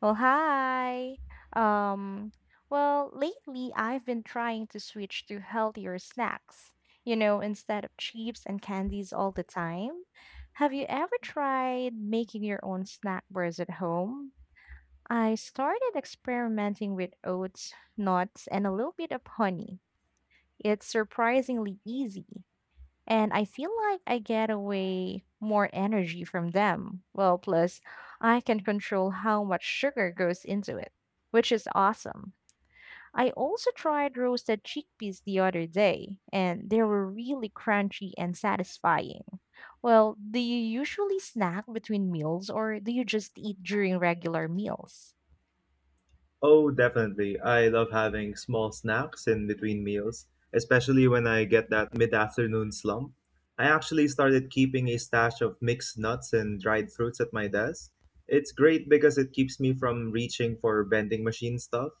Well, hi. Um, well, lately I've been trying to switch to healthier snacks, you know, instead of chips and candies all the time. Have you ever tried making your own snack bars at home? I started experimenting with oats, nuts, and a little bit of honey. It's surprisingly easy and I feel like I get away more energy from them. Well, plus, I can control how much sugar goes into it, which is awesome. I also tried roasted chickpeas the other day, and they were really crunchy and satisfying. Well, do you usually snack between meals or do you just eat during regular meals? Oh, definitely. I love having small snacks in between meals, especially when I get that mid-afternoon slump. I actually started keeping a stash of mixed nuts and dried fruits at my desk. It's great because it keeps me from reaching for vending machine stuff.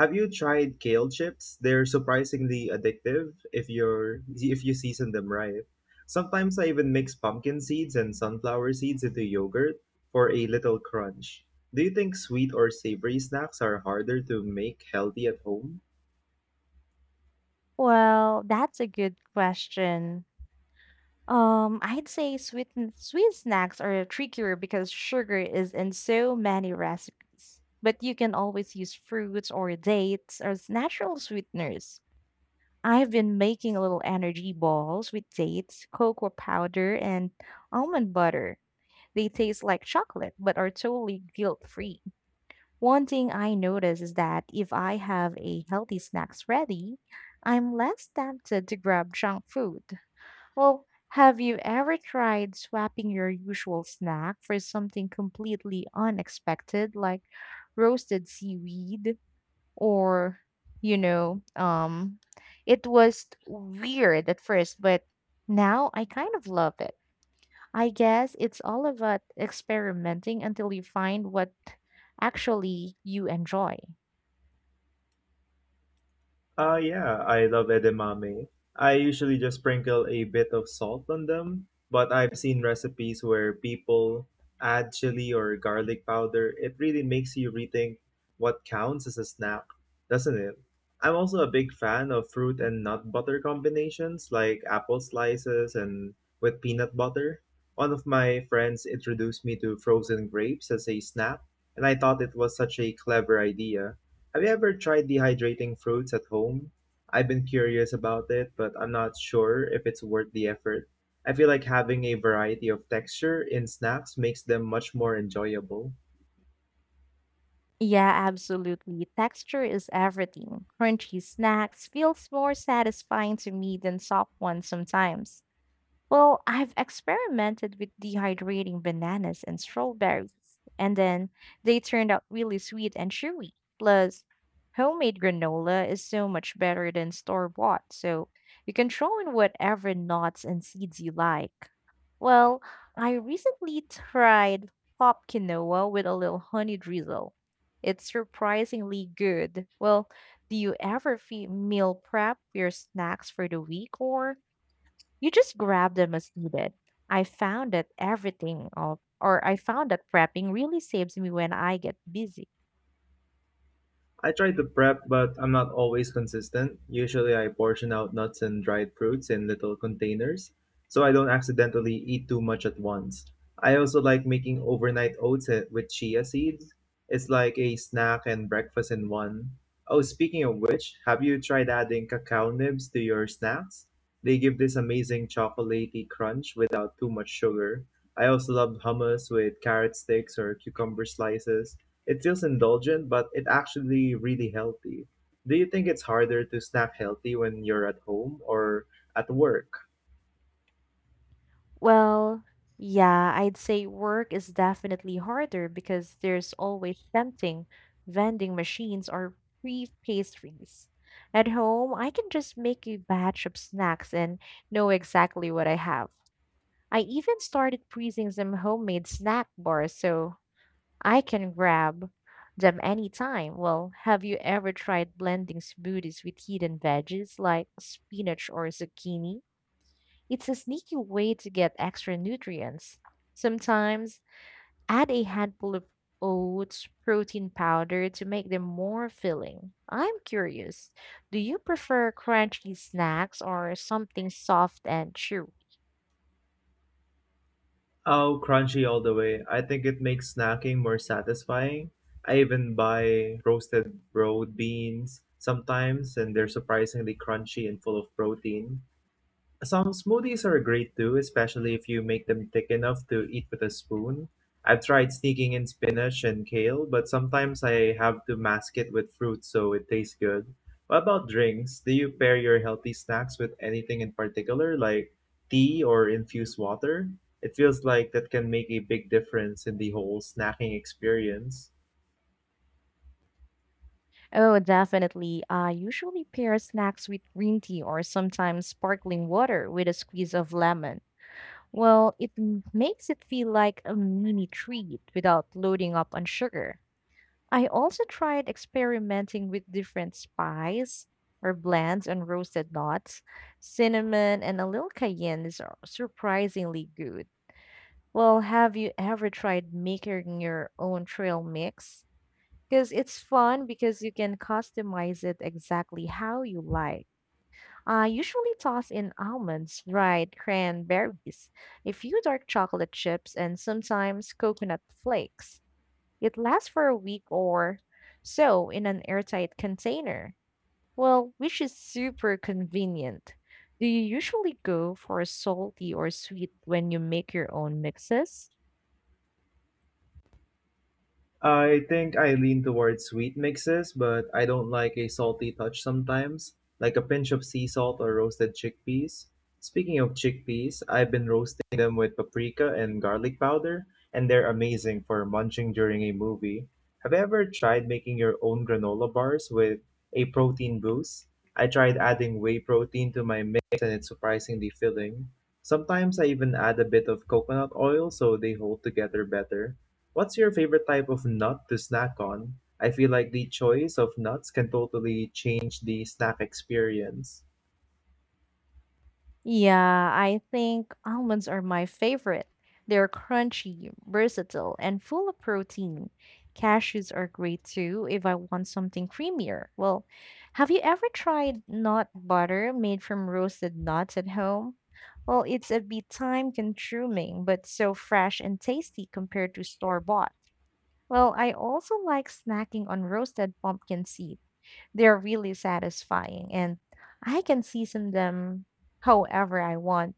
Have you tried kale chips? They're surprisingly addictive if you season them right. Sometimes I even mix pumpkin seeds and sunflower seeds into yogurt for a little crunch. Do you think sweet or savory snacks are harder to make healthy at home? Well, that's a good question. I'd say sweet snacks are trickier because sugar is in so many recipes. But you can always use fruits or dates as natural sweeteners. I've been making little energy balls with dates, cocoa powder, and almond butter. They taste like chocolate but are totally guilt-free. One thing I notice is that if I have a healthy snacks ready, I'm less tempted to grab junk food. Well, have you ever tried swapping your usual snack for something completely unexpected, like roasted seaweed or, you know, um, it was weird at first, but now I kind of love it. I guess it's all about experimenting until you find what actually you enjoy. Yeah, I love edamame. I usually just sprinkle a bit of salt on them, but I've seen recipes where people add chili or garlic powder. It really makes you rethink what counts as a snack, doesn't it? I'm also a big fan of fruit and nut butter combinations like apple slices and with peanut butter. One of my friends introduced me to frozen grapes as a snack, and I thought it was such a clever idea. Have you ever tried dehydrating fruits at home? I've been curious about it, but I'm not sure if it's worth the effort. I feel like having a variety of texture in snacks makes them much more enjoyable. Yeah, absolutely. Texture is everything. Crunchy snacks feels more satisfying to me than soft ones sometimes. Well, I've experimented with dehydrating bananas and strawberries, and then they turned out really sweet and chewy. Plus, homemade granola is so much better than store-bought, so you can throw in whatever nuts and seeds you like. Well, I recently tried pop quinoa with a little honey drizzle. It's surprisingly good. Well, do you ever meal prep your snacks for the week or you just grab them as needed? I found that prepping really saves me when I get busy. I try to prep, but I'm not always consistent. Usually, I portion out nuts and dried fruits in little containers so I don't accidentally eat too much at once. I also like making overnight oats with chia seeds. It's like a snack and breakfast in one. Oh, speaking of which, have you tried adding cacao nibs to your snacks? They give this amazing chocolatey crunch without too much sugar. I also love hummus with carrot sticks or cucumber slices. It feels indulgent, but it actually really healthy. Do you think it's harder to snack healthy when you're at home or at work? Well, yeah, I'd say work is definitely harder because there's always tempting vending machines or free pastries. At home, I can just make a batch of snacks and know exactly what I have. I even started freezing some homemade snack bars so I can grab them anytime. Well, have you ever tried blending smoothies with hidden veggies like spinach or zucchini? It's a sneaky way to get extra nutrients. Sometimes add a handful of oats protein powder to make them more filling. I'm curious, do you prefer crunchy snacks or something soft and chewy? Oh, crunchy all the way. I think it makes snacking more satisfying. I even buy roasted broad beans sometimes, and they're surprisingly crunchy and full of protein. Some smoothies are great too, especially if you make them thick enough to eat with a spoon. I've tried sneaking in spinach and kale, but sometimes I have to mask it with fruit so it tastes good. What about drinks? Do you pair your healthy snacks with anything in particular, like tea or infused water? It feels like that can make a big difference in the whole snacking experience. Oh, definitely. I usually pair snacks with green tea or sometimes sparkling water with a squeeze of lemon. Well, makes it feel like a mini treat without loading up on sugar. I also tried experimenting with different spice or blends on roasted nuts. Cinnamon and a little cayenne is surprisingly good. Well, have you ever tried making your own trail mix? Because it's fun because you can customize it exactly how you like. I usually toss in almonds, dried cranberries, a few dark chocolate chips, and sometimes coconut flakes. It lasts for a week or so in an airtight container. Well, which is super convenient. Do you usually go for salty or sweet when you make your own mixes? I think I lean towards sweet mixes, but I don't like a salty touch sometimes, like a pinch of sea salt or roasted chickpeas. Speaking of chickpeas, I've been roasting them with paprika and garlic powder, and they're amazing for munching during a movie. Have you ever tried making your own granola bars with a protein boost? I tried adding whey protein to my mix, and it's surprisingly filling. Sometimes I even add a bit of coconut oil so they hold together better. What's your favorite type of nut to snack on? I feel like the choice of nuts can totally change the snack experience. Yeah, I think almonds are my favorite. They're crunchy, versatile, and full of protein. Cashews are great too if I want something creamier. Well, have you ever tried nut butter made from roasted nuts at home? Well, it's a bit time consuming, but so fresh and tasty compared to store bought. Well, I also like snacking on roasted pumpkin seeds they're really satisfying, and I can season them however I want.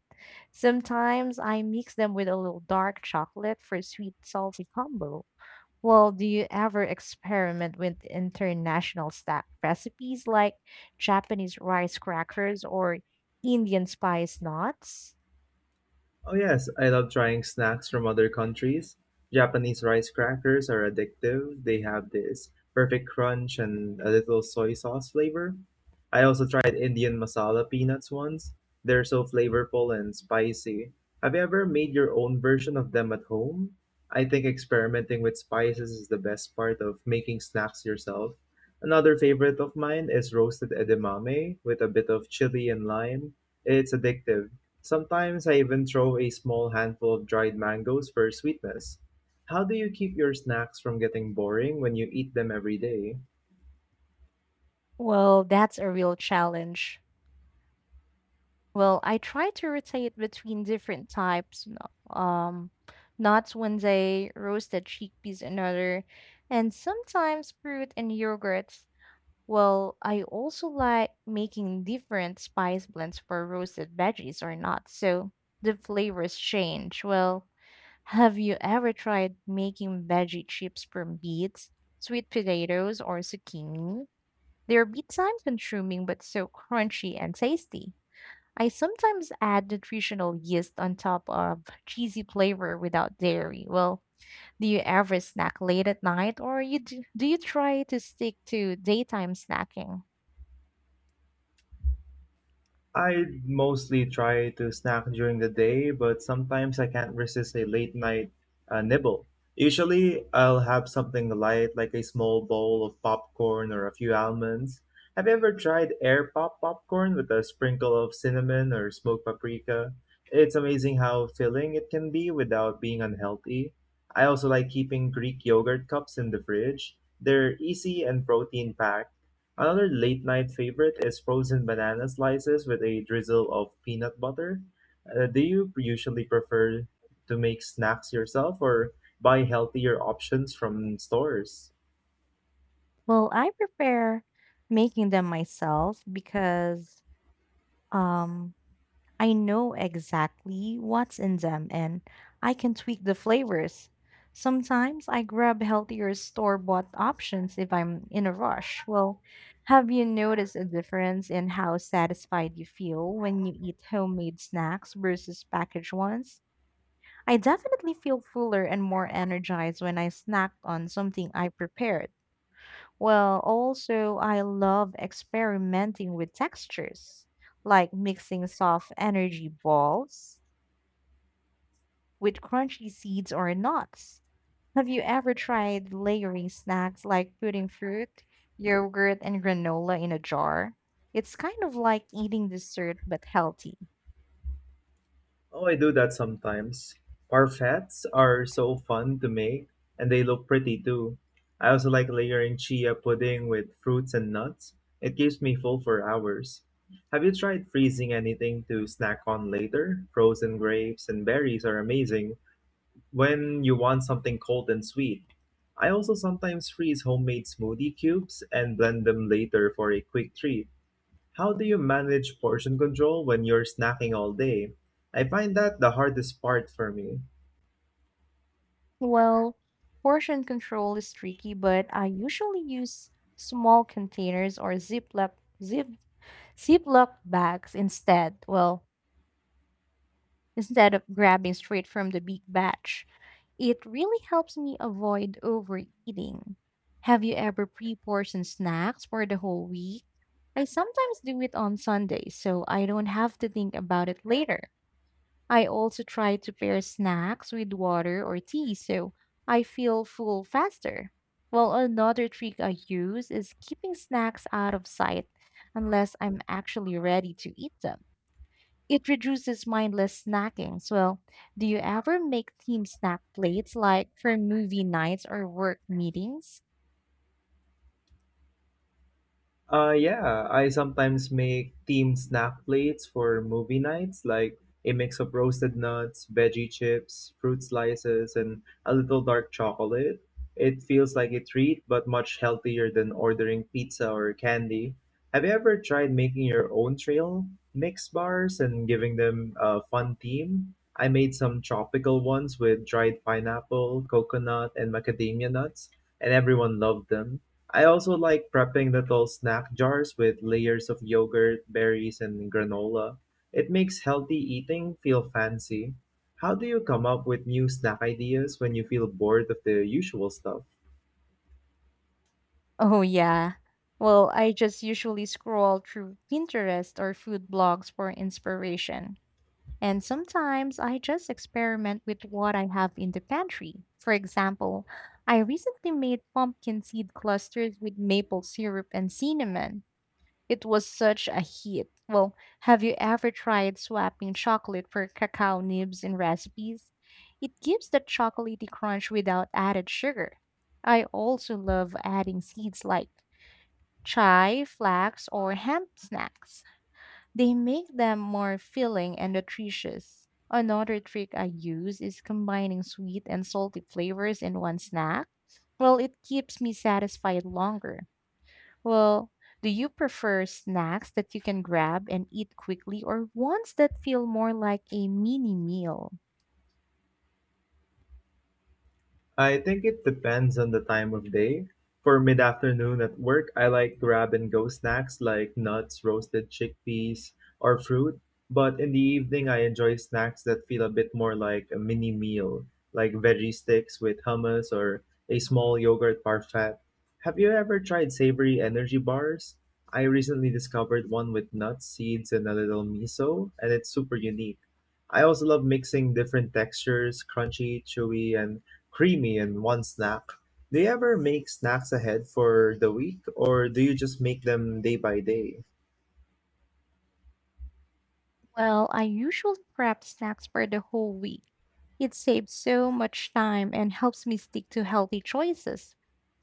Sometimes I mix them with a little dark chocolate for a sweet salty combo. Well, do you ever experiment with international snack recipes like Japanese rice crackers or Indian spice knots? Oh, yes, I love trying snacks from other countries. Japanese rice crackers are addictive. They have this perfect crunch and a little soy sauce flavor. I also tried Indian masala peanuts once. They're so flavorful and spicy. Have you ever made your own version of them at home? I think experimenting with spices is the best part of making snacks yourself. Another favorite of mine is roasted edamame with a bit of chili and lime. It's addictive. Sometimes I even throw a small handful of dried mangoes for sweetness. How do you keep your snacks from getting boring when you eat them every day? Well, that's a real challenge. Well, I try to rotate between different types, you um, nuts one day, roasted chickpeas another, and sometimes fruit and yogurts. Well, I also like making different spice blends for roasted veggies or not, so the flavors change. Well, have you ever tried making veggie chips from beets, sweet potatoes, or zucchini? They're bit time consuming but so crunchy and tasty. I sometimes add nutritional yeast on top of cheesy flavor without dairy. Well, do you ever snack late at night or do you try to stick to daytime snacking? I mostly try to snack during the day, but sometimes I can't resist a late night nibble. Usually, I'll have something light like a small bowl of popcorn or a few almonds. Have you ever tried air pop popcorn with a sprinkle of cinnamon or smoked paprika? It's amazing how filling it can be without being unhealthy. I also like keeping Greek yogurt cups in the fridge. They're easy and protein packed. Another late night favorite is frozen banana slices with a drizzle of peanut butter. Do you usually prefer to make snacks yourself or buy healthier options from stores? Well, I prefer making them myself because um I know exactly what's in them and I can tweak the flavors. Sometimes I grab healthier store bought options if I'm in a rush. Well, have you noticed a difference in how satisfied you feel when you eat homemade snacks versus packaged ones? I definitely feel fuller and more energized when I snacked on something I prepared. Well, also, I love experimenting with textures, like mixing soft energy balls with crunchy seeds or nuts. Have you ever tried layering snacks like putting fruit, yogurt, and granola in a jar? It's kind of like eating dessert but healthy. Oh, I do that sometimes. Parfaits are so fun to make and they look pretty too. I also like layering chia pudding with fruits and nuts. It keeps me full for hours. Have you tried freezing anything to snack on later? Frozen grapes and berries are amazing when you want something cold and sweet. I also sometimes freeze homemade smoothie cubes and blend them later for a quick treat. How do you manage portion control when you're snacking all day? I find that the hardest part for me. Well, portion control is tricky, but I usually use small containers or zip, Ziploc bags instead. Well, instead of grabbing straight from the big batch. It really helps me avoid overeating. Have you ever pre portioned snacks for the whole week? I sometimes do it on Sundays, so I don't have to think about it later. I also try to pair snacks with water or tea so I feel full faster. Well, another trick I use is keeping snacks out of sight unless I'm actually ready to eat them. It reduces mindless snacking. So, well, do you ever make team snack plates like for movie nights or work meetings? Yeah, I sometimes make themed snack plates for movie nights, like a mix of roasted nuts, veggie chips, fruit slices, and a little dark chocolate. It feels like a treat, but much healthier than ordering pizza or candy. Have you ever tried making your own trail mix bars and giving them a fun theme? I made some tropical ones with dried pineapple, coconut, and macadamia nuts, and everyone loved them. I also like prepping little snack jars with layers of yogurt, berries, and granola. It makes healthy eating feel fancy. How do you come up with new snack ideas when you feel bored of the usual stuff? Oh, yeah. Well, I just usually scroll through Pinterest or food blogs for inspiration. And sometimes I just experiment with what I have in the pantry. For example, I recently made pumpkin seed clusters with maple syrup and cinnamon. It was such a hit. Well, have you ever tried swapping chocolate for cacao nibs in recipes? It gives that chocolatey crunch without added sugar. I also love adding seeds like chai, flax, or hemp snacks. They make them more filling and nutritious. Another trick I use is combining sweet and salty flavors in one snack. Well, it keeps me satisfied longer. Well, do you prefer snacks that you can grab and eat quickly or ones that feel more like a mini meal? I think it depends on the time of day. For mid afternoon at work, I like grab and go snacks like nuts, roasted chickpeas, or fruit. But in the evening, I enjoy snacks that feel a bit more like a mini meal, like veggie sticks with hummus or a small yogurt parfait. Have you ever tried savory energy bars? I recently discovered one with nuts, seeds, and a little miso, and it's super unique. I also love mixing different textures, crunchy, chewy, and creamy in one snack. Do you ever make snacks ahead for the week or do you just make them day by day? Well, I usually prep snacks for the whole week. It saves so much time and helps me stick to healthy choices.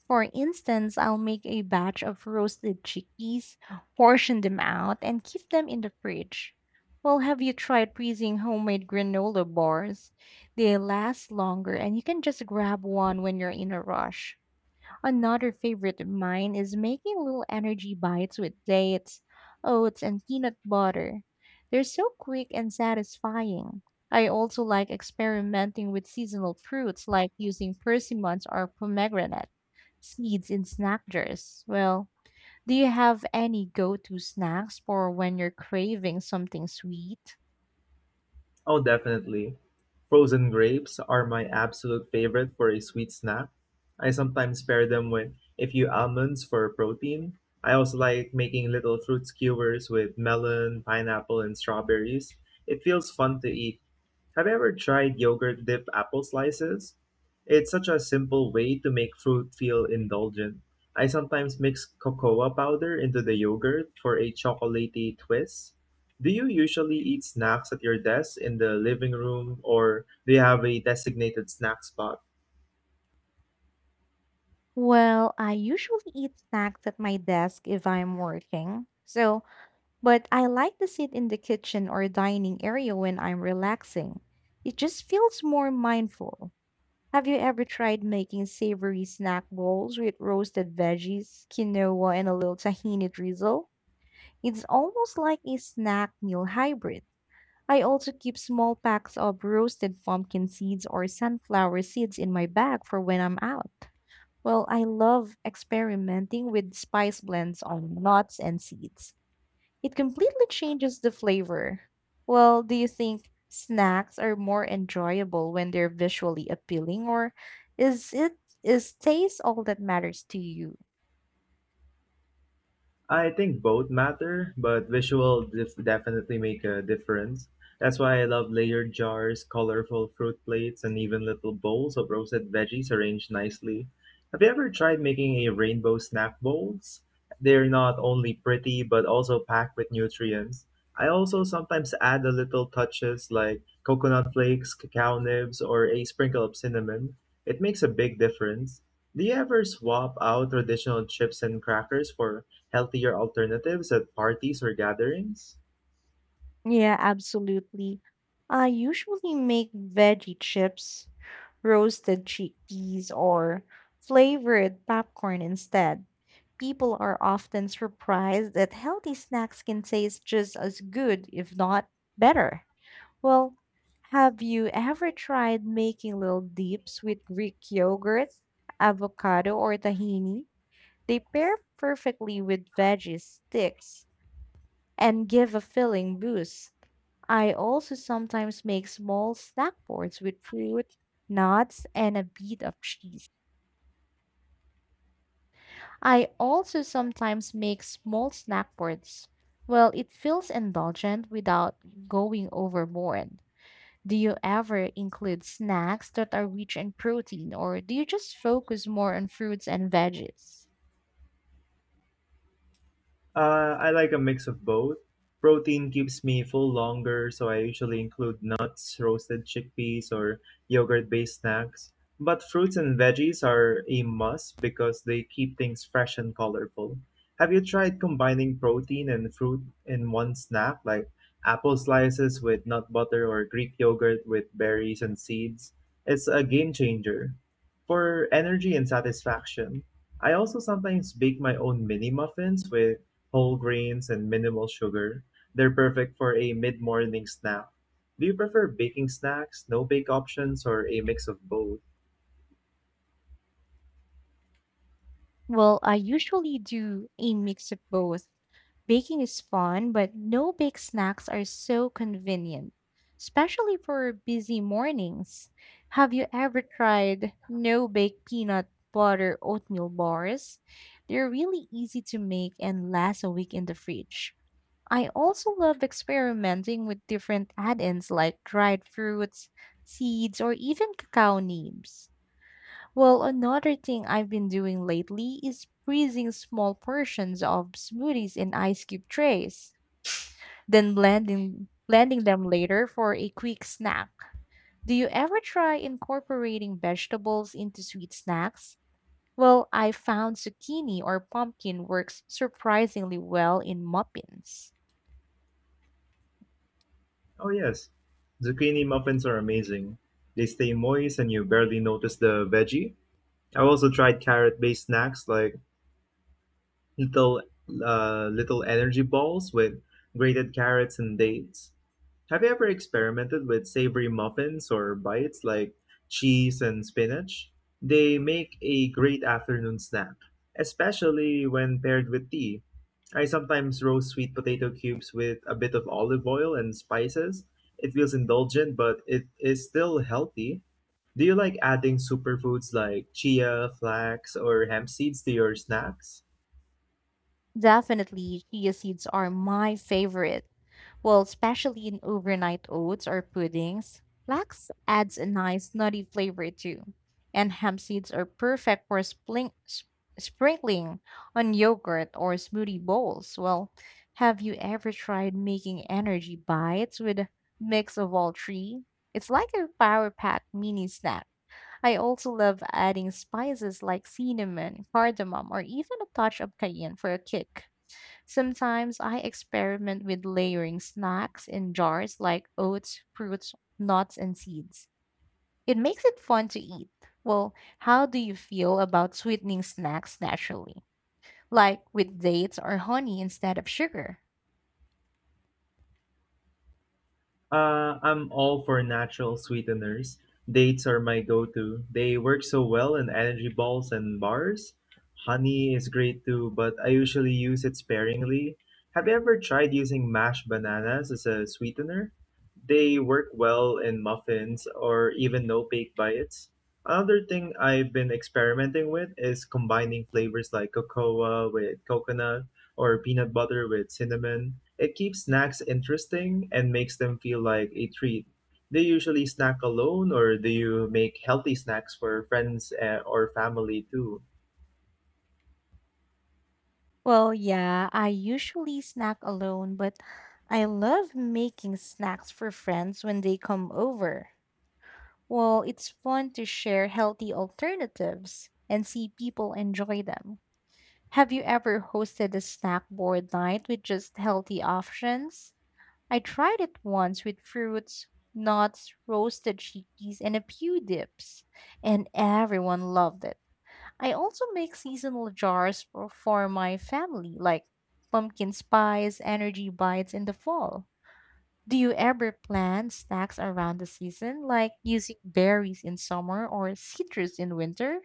For instance, I'll make a batch of roasted chickpeas, portion them out, and keep them in the fridge. Well, have you tried freezing homemade granola bars? They last longer and you can just grab one when you're in a rush. Another favorite of mine is making little energy bites with dates, oats, and peanut butter. They're so quick and satisfying. I also like experimenting with seasonal fruits like using persimmons or pomegranate seeds in snack jars. Well, do you have any go to snacks for when you're craving something sweet? Oh, definitely. Frozen grapes are my absolute favorite for a sweet snack. I sometimes pair them with a few almonds for protein. I also like making little fruit skewers with melon, pineapple, and strawberries. It feels fun to eat. Have you ever tried yogurt dipped apple slices? It's such a simple way to make fruit feel indulgent. I sometimes mix cocoa powder into the yogurt for a chocolatey twist. Do you usually eat snacks at your desk in the living room or do you have a designated snack spot? Well, I usually eat snacks at my desk if I'm working. So, but I like to sit in the kitchen or dining area when I'm relaxing. It just feels more mindful. Have you ever tried making savory snack bowls with roasted veggies, quinoa, and a little tahini drizzle? It's almost like a snack meal hybrid. I also keep small packs of roasted pumpkin seeds or sunflower seeds in my bag for when I'm out. Well, I love experimenting with spice blends on nuts and seeds. It completely changes the flavor. Well, do you think snacks are more enjoyable when they're visually appealing, or is it is taste all that matters to you? I think both matter, but visual def- definitely make a difference. That's why I love layered jars, colorful fruit plates, and even little bowls of roasted veggies arranged nicely. Have you ever tried making a rainbow snack bowls? They're not only pretty but also packed with nutrients. I also sometimes add a little touches like coconut flakes, cacao nibs, or a sprinkle of cinnamon. It makes a big difference. Do you ever swap out traditional chips and crackers for healthier alternatives at parties or gatherings? Yeah, absolutely. I usually make veggie chips, roasted chickpeas, or flavored popcorn instead. People are often surprised that healthy snacks can taste just as good, if not better. Well, have you ever tried making little dips with Greek yogurt, avocado, or tahini? They pair perfectly with veggie sticks, and give a filling boost. I also sometimes make small snack boards with fruit, nuts, and a bit of cheese. I also sometimes make small snack boards. Well, it feels indulgent without going overboard. Do you ever include snacks that are rich in protein, or do you just focus more on fruits and veggies? I like a mix of both. Protein keeps me full longer, so I usually include nuts, roasted chickpeas, or yogurt based snacks. But fruits and veggies are a must because they keep things fresh and colorful. Have you tried combining protein and fruit in one snack, like apple slices with nut butter or Greek yogurt with berries and seeds? It's a game changer. For energy and satisfaction, I also sometimes bake my own mini muffins with whole grains and minimal sugar. They're perfect for a mid-morning snack. Do you prefer baking snacks, no-bake options, or a mix of both? Well, I usually do a mix of both. Baking is fun, but no bake snacks are so convenient, especially for busy mornings. Have you ever tried no bake peanut butter oatmeal bars? They're really easy to make and last a week in the fridge. I also love experimenting with different add ins like dried fruits, seeds, or even cacao nibs. Well, another thing I've been doing lately is freezing small portions of smoothies in ice cube trays, then blending them later for a quick snack. Do you ever try incorporating vegetables into sweet snacks? Well, I found zucchini or pumpkin works surprisingly well in muffins. Oh yes, zucchini muffins are amazing. They stay moist and you barely notice the veggie. I've also tried carrot-based snacks like little little energy balls with grated carrots and dates. Have you ever experimented with savory muffins or bites like cheese and spinach? They make a great afternoon snack, especially when paired with tea. I sometimes roast sweet potato cubes with a bit of olive oil and spices. It feels indulgent, but it is still healthy. Do you like adding superfoods like chia, flax, or hemp seeds to your snacks? Definitely, chia seeds are my favorite. Well, especially in overnight oats or puddings. Flax adds a nice nutty flavor too. And hemp seeds are perfect for sprinkling on yogurt or smoothie bowls. Well, have you ever tried making energy bites with a mix of all three? It's like a power pack mini snack. I also love adding spices like cinnamon, cardamom, or even a touch of cayenne for a kick. Sometimes I experiment with layering snacks in jars like oats, fruits, nuts, and seeds. It makes it fun to eat. Well, how do you feel about sweetening snacks naturally, like with dates or honey instead of sugar? I'm all for natural sweeteners. Dates are my go to. They work so well in energy balls and bars. Honey is great too, but I usually use it sparingly. Have you ever tried using mashed bananas as a sweetener? They work well in muffins or even no bake bites. Another thing I've been experimenting with is combining flavors like cocoa with coconut or peanut butter with cinnamon. It keeps snacks interesting and makes them feel like a treat. Do you usually snack alone or do you make healthy snacks for friends or family too? Well, yeah, I usually snack alone, but I love making snacks for friends when they come over. Well, it's fun to share healthy alternatives and see people enjoy them. Have you ever hosted a snack board night with just healthy options? I tried it once with fruits, nuts, roasted chickpeas, and a few dips, and everyone loved it. I also make seasonal jars for my family, like pumpkin spice, energy bites in the fall. Do you ever plan snacks around the season, like using berries in summer or citrus in winter?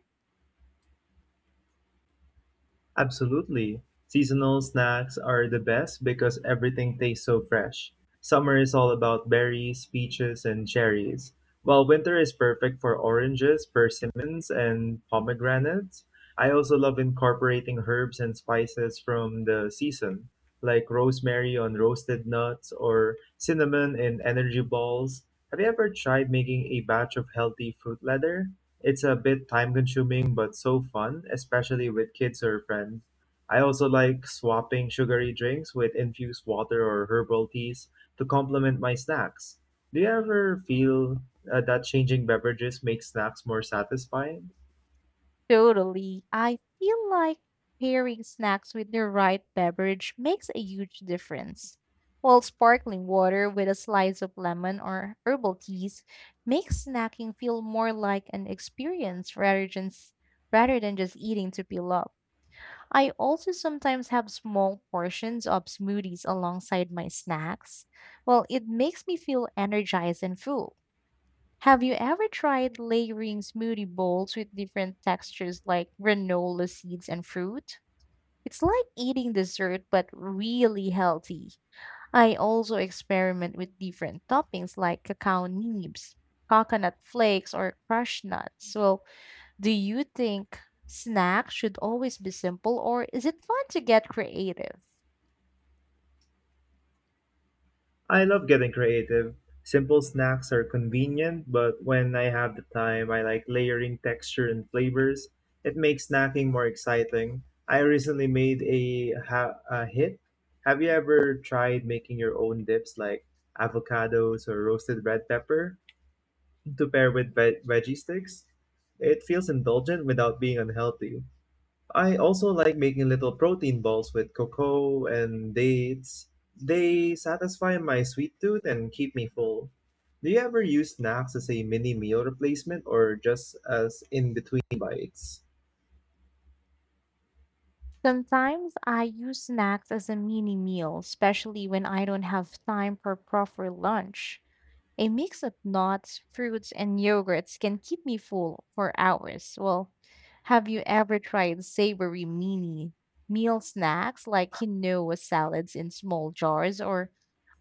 Absolutely. Seasonal snacks are the best because everything tastes so fresh. Summer is all about berries, peaches, and cherries, while winter is perfect for oranges, persimmons, and pomegranates. I also love incorporating herbs and spices from the season, like rosemary on roasted nuts or cinnamon in energy balls. Have you ever tried making a batch of healthy fruit leather? It's a bit time consuming but so fun, especially with kids or friends. I also like swapping sugary drinks with infused water or herbal teas to complement my snacks. Do you ever feel that changing beverages makes snacks more satisfying? Totally. I feel like pairing snacks with the right beverage makes a huge difference. While sparkling water with a slice of lemon or herbal teas makes snacking feel more like an experience rather rather than just eating to fill up. I also sometimes have small portions of smoothies alongside my snacks. Well, it makes me feel energized and full. Have you ever tried layering smoothie bowls with different textures like granola seeds and fruit? It's like eating dessert but really healthy. I also experiment with different toppings like cacao nibs, coconut flakes, or crushed nuts. Well, do you think snacks should always be simple or is it fun to get creative? I love getting creative. Simple snacks are convenient, but when I have the time, I like layering texture and flavors. It makes snacking more exciting. I recently made a, ha- a hit. Have you ever tried making your own dips like avocados or roasted red pepper to pair with veggie sticks? It feels indulgent without being unhealthy. I also like making little protein balls with cocoa and dates. They satisfy my sweet tooth and keep me full. Do you ever use snacks as a mini meal replacement or just as in between bites? Sometimes I use snacks as a mini meal, especially when I don't have time for proper lunch. A mix of nuts, fruits, and yogurts can keep me full for hours. Well, have you ever tried savory mini meal snacks like quinoa salads in small jars or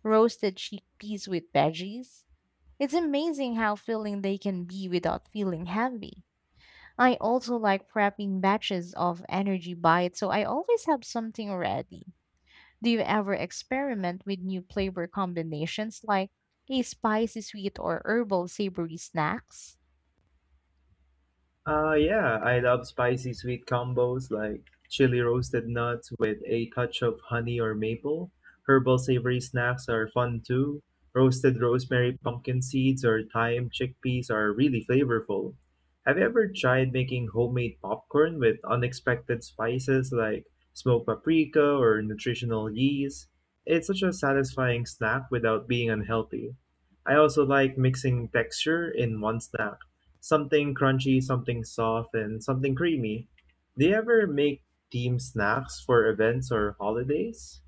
roasted chickpeas with veggies? It's amazing how filling they can be without feeling heavy. I also like prepping batches of energy bites, so I always have something ready. Do you ever experiment with new flavor combinations like a spicy sweet or herbal savory snacks? Yeah, I love spicy sweet combos like chili roasted nuts with a touch of honey or maple. Herbal savory snacks are fun too. Roasted rosemary pumpkin seeds or thyme chickpeas are really flavorful. Have you ever tried making homemade popcorn with unexpected spices like smoked paprika or nutritional yeast? It's such a satisfying snack without being unhealthy. I also like mixing texture in one snack. Something crunchy, something soft, and something creamy. Do you ever make team snacks for events or holidays?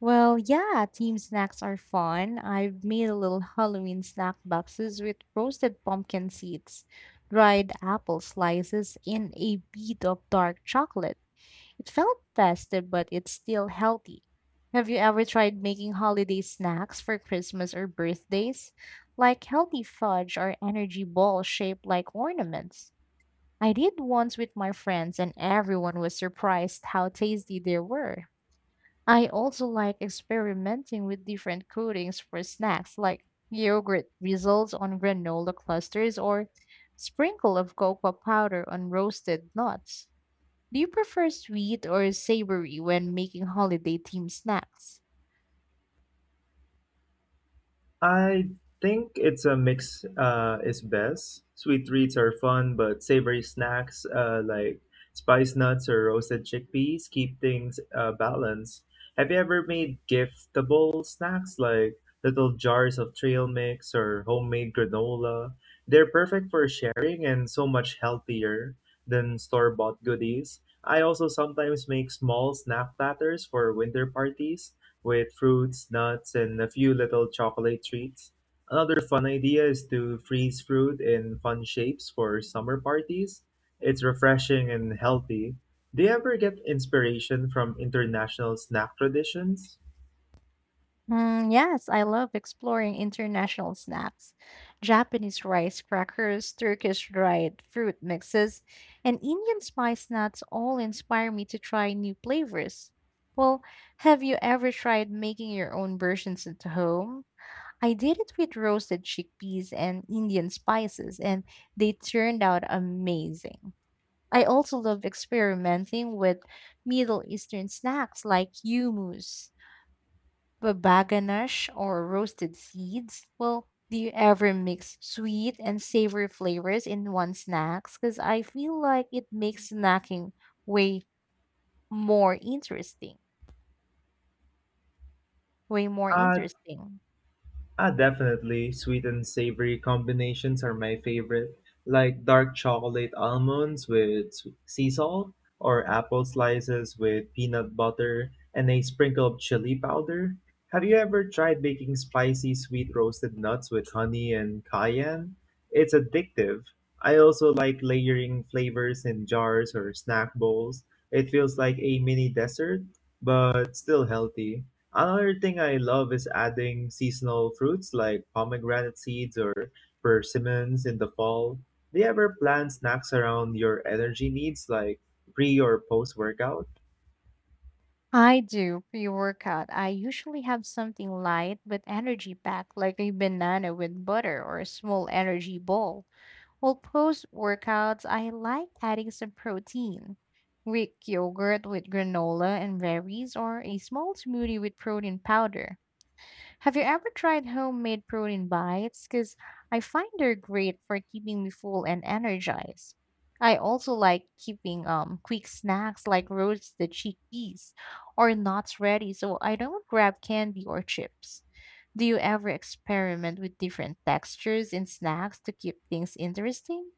Well, yeah, team snacks are fun. I've made a little Halloween snack boxes with roasted pumpkin seeds, dried apple slices, and a bit of dark chocolate. It felt festive, but it's still healthy. Have you ever tried making holiday snacks for Christmas or birthdays, like healthy fudge or energy balls shaped like ornaments? I did once with my friends, and everyone was surprised how tasty they were. I also like experimenting with different coatings for snacks, like yogurt drizzles on granola clusters or sprinkle of cocoa powder on roasted nuts. Do you prefer sweet or savory when making holiday themed snacks? I think it's a mix is best. Sweet treats are fun, but savory snacks like spice nuts or roasted chickpeas keep things balanced. Have you ever made giftable snacks like little jars of trail mix or homemade granola? They're perfect for sharing and so much healthier than store bought goodies. I also sometimes make small snack platters for winter parties with fruits, nuts, and a few little chocolate treats. Another fun idea is to freeze fruit in fun shapes for summer parties. It's refreshing and healthy. Do you ever get inspiration from international snack traditions? Mm, yes, I love exploring international snacks. Japanese rice crackers, Turkish dried fruit mixes, and Indian spice nuts all inspire me to try new flavors. Well, have you ever tried making your own versions at home? I did it with roasted chickpeas and Indian spices, and they turned out amazing. I also love experimenting with Middle Eastern snacks like hummus babaganash or roasted seeds. Well, do you ever mix sweet and savory flavors in one snacks? Because I feel like it makes snacking way more interesting. Way more I interesting. Ah, definitely. Sweet and savory combinations are my favorite, like dark chocolate almonds with sea salt, or apple slices with peanut butter and a sprinkle of chili powder. Have you ever tried baking spicy sweet roasted nuts with honey and cayenne? It's addictive. I also like layering flavors in jars or snack bowls. It feels like a mini dessert, but still healthy. Another thing I love is adding seasonal fruits like pomegranate seeds or persimmons in the fall. Do you ever plan snacks around your energy needs like pre or post workout? I do pre workout. I usually have something light but energy packed, like a banana with butter or a small energy ball. Well, post workouts, I like adding some protein. Greek yogurt with granola and berries, or a small smoothie with protein powder. Have you ever tried homemade protein bites? Because I find they're great for keeping me full and energized. I also like keeping quick snacks like roasted chickpeas or nuts ready so I don't grab candy or chips. Do you ever experiment with different textures in snacks to keep things interesting?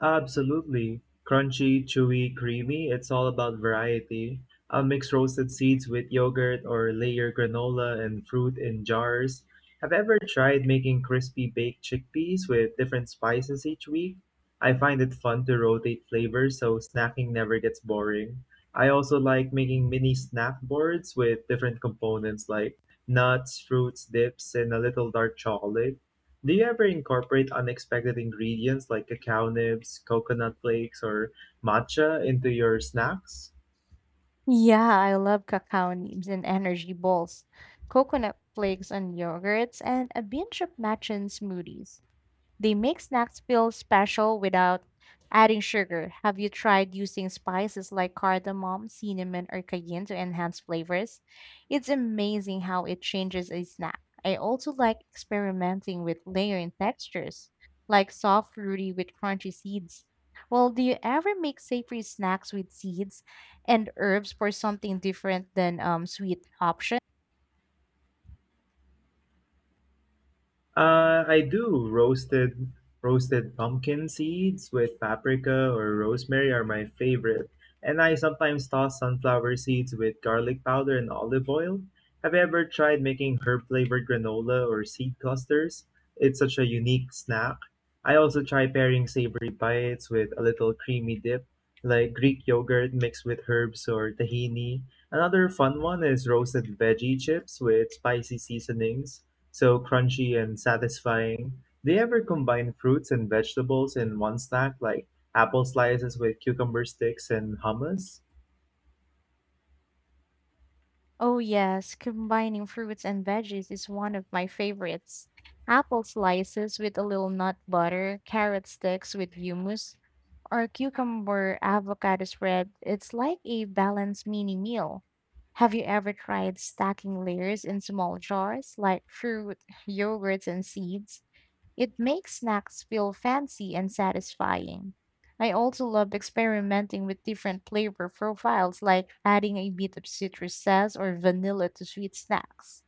Absolutely. Crunchy, chewy, creamy, it's all about variety. I'll mix roasted seeds with yogurt or layer granola and fruit in jars. Have you ever tried making crispy baked chickpeas with different spices each week? I find it fun to rotate flavors so snacking never gets boring. I also like making mini snack boards with different components like nuts, fruits, dips, and a little dark chocolate. Do you ever incorporate unexpected ingredients like cacao nibs, coconut flakes, or matcha into your snacks? Yeah, I love cacao nibs and energy balls, coconut flakes on yogurts, and a binge of matcha and smoothies. They make snacks feel special without adding sugar. Have you tried using spices like cardamom, cinnamon, or cayenne to enhance flavors? It's amazing how it changes a snack. I also like experimenting with layering textures, like soft fruity with crunchy seeds. Well, do you ever make savory snacks with seeds and herbs for something different than sweet options? I do roasted pumpkin seeds with paprika or rosemary are my favorite, and I sometimes toss sunflower seeds with garlic powder and olive oil. Have you ever tried making herb flavored granola or seed clusters? It's such a unique snack. I also try pairing savory bites with a little creamy dip, like Greek yogurt mixed with herbs or tahini. Another fun one is roasted veggie chips with spicy seasonings. So crunchy and satisfying. They ever combine fruits and vegetables in one snack, like apple slices with cucumber sticks and hummus? Oh, yes, combining fruits and veggies is one of my favorites. Apple slices with a little nut butter, carrot sticks with hummus, or cucumber avocado spread. It's like a balanced mini meal. Have you ever tried stacking layers in small jars like fruit, yogurts, and seeds? It makes snacks feel fancy and satisfying. I also love experimenting with different flavor profiles, like adding a bit of citrus zest or vanilla to sweet snacks.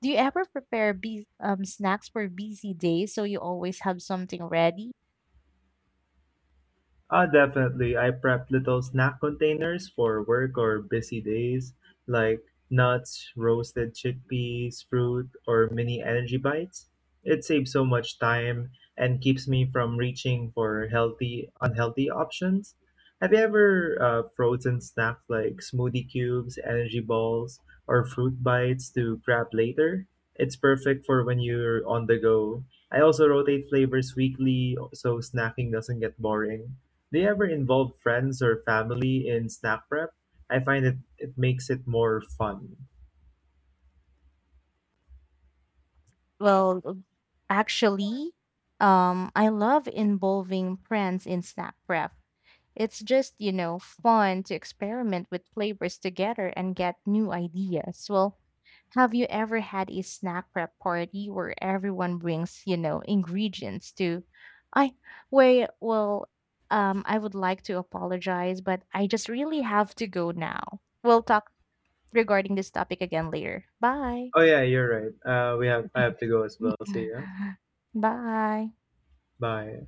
Do you ever prepare snacks for busy days so you always have something ready? Ah, definitely. I prep little snack containers for work or busy days, like nuts, roasted chickpeas, fruit, or mini energy bites. It saves so much time and keeps me from reaching for healthy, unhealthy options. Have you ever frozen snacks like smoothie cubes, energy balls, or fruit bites to grab later? It's perfect for when you're on the go. I also rotate flavors weekly so snacking doesn't get boring. Do you ever involve friends or family in snack prep? I find it makes it more fun. Well, actually, I love involving friends in snack prep. It's just, you know, fun to experiment with flavors together and get new ideas. Well, have you ever had a snack prep party where everyone brings, you know, ingredients to I wait, well, I would like to apologize, but I just really have to go now. We'll talk regarding this topic again later. Bye. Oh yeah, you're right. We have I have to go as well. See ya. Bye. Bye.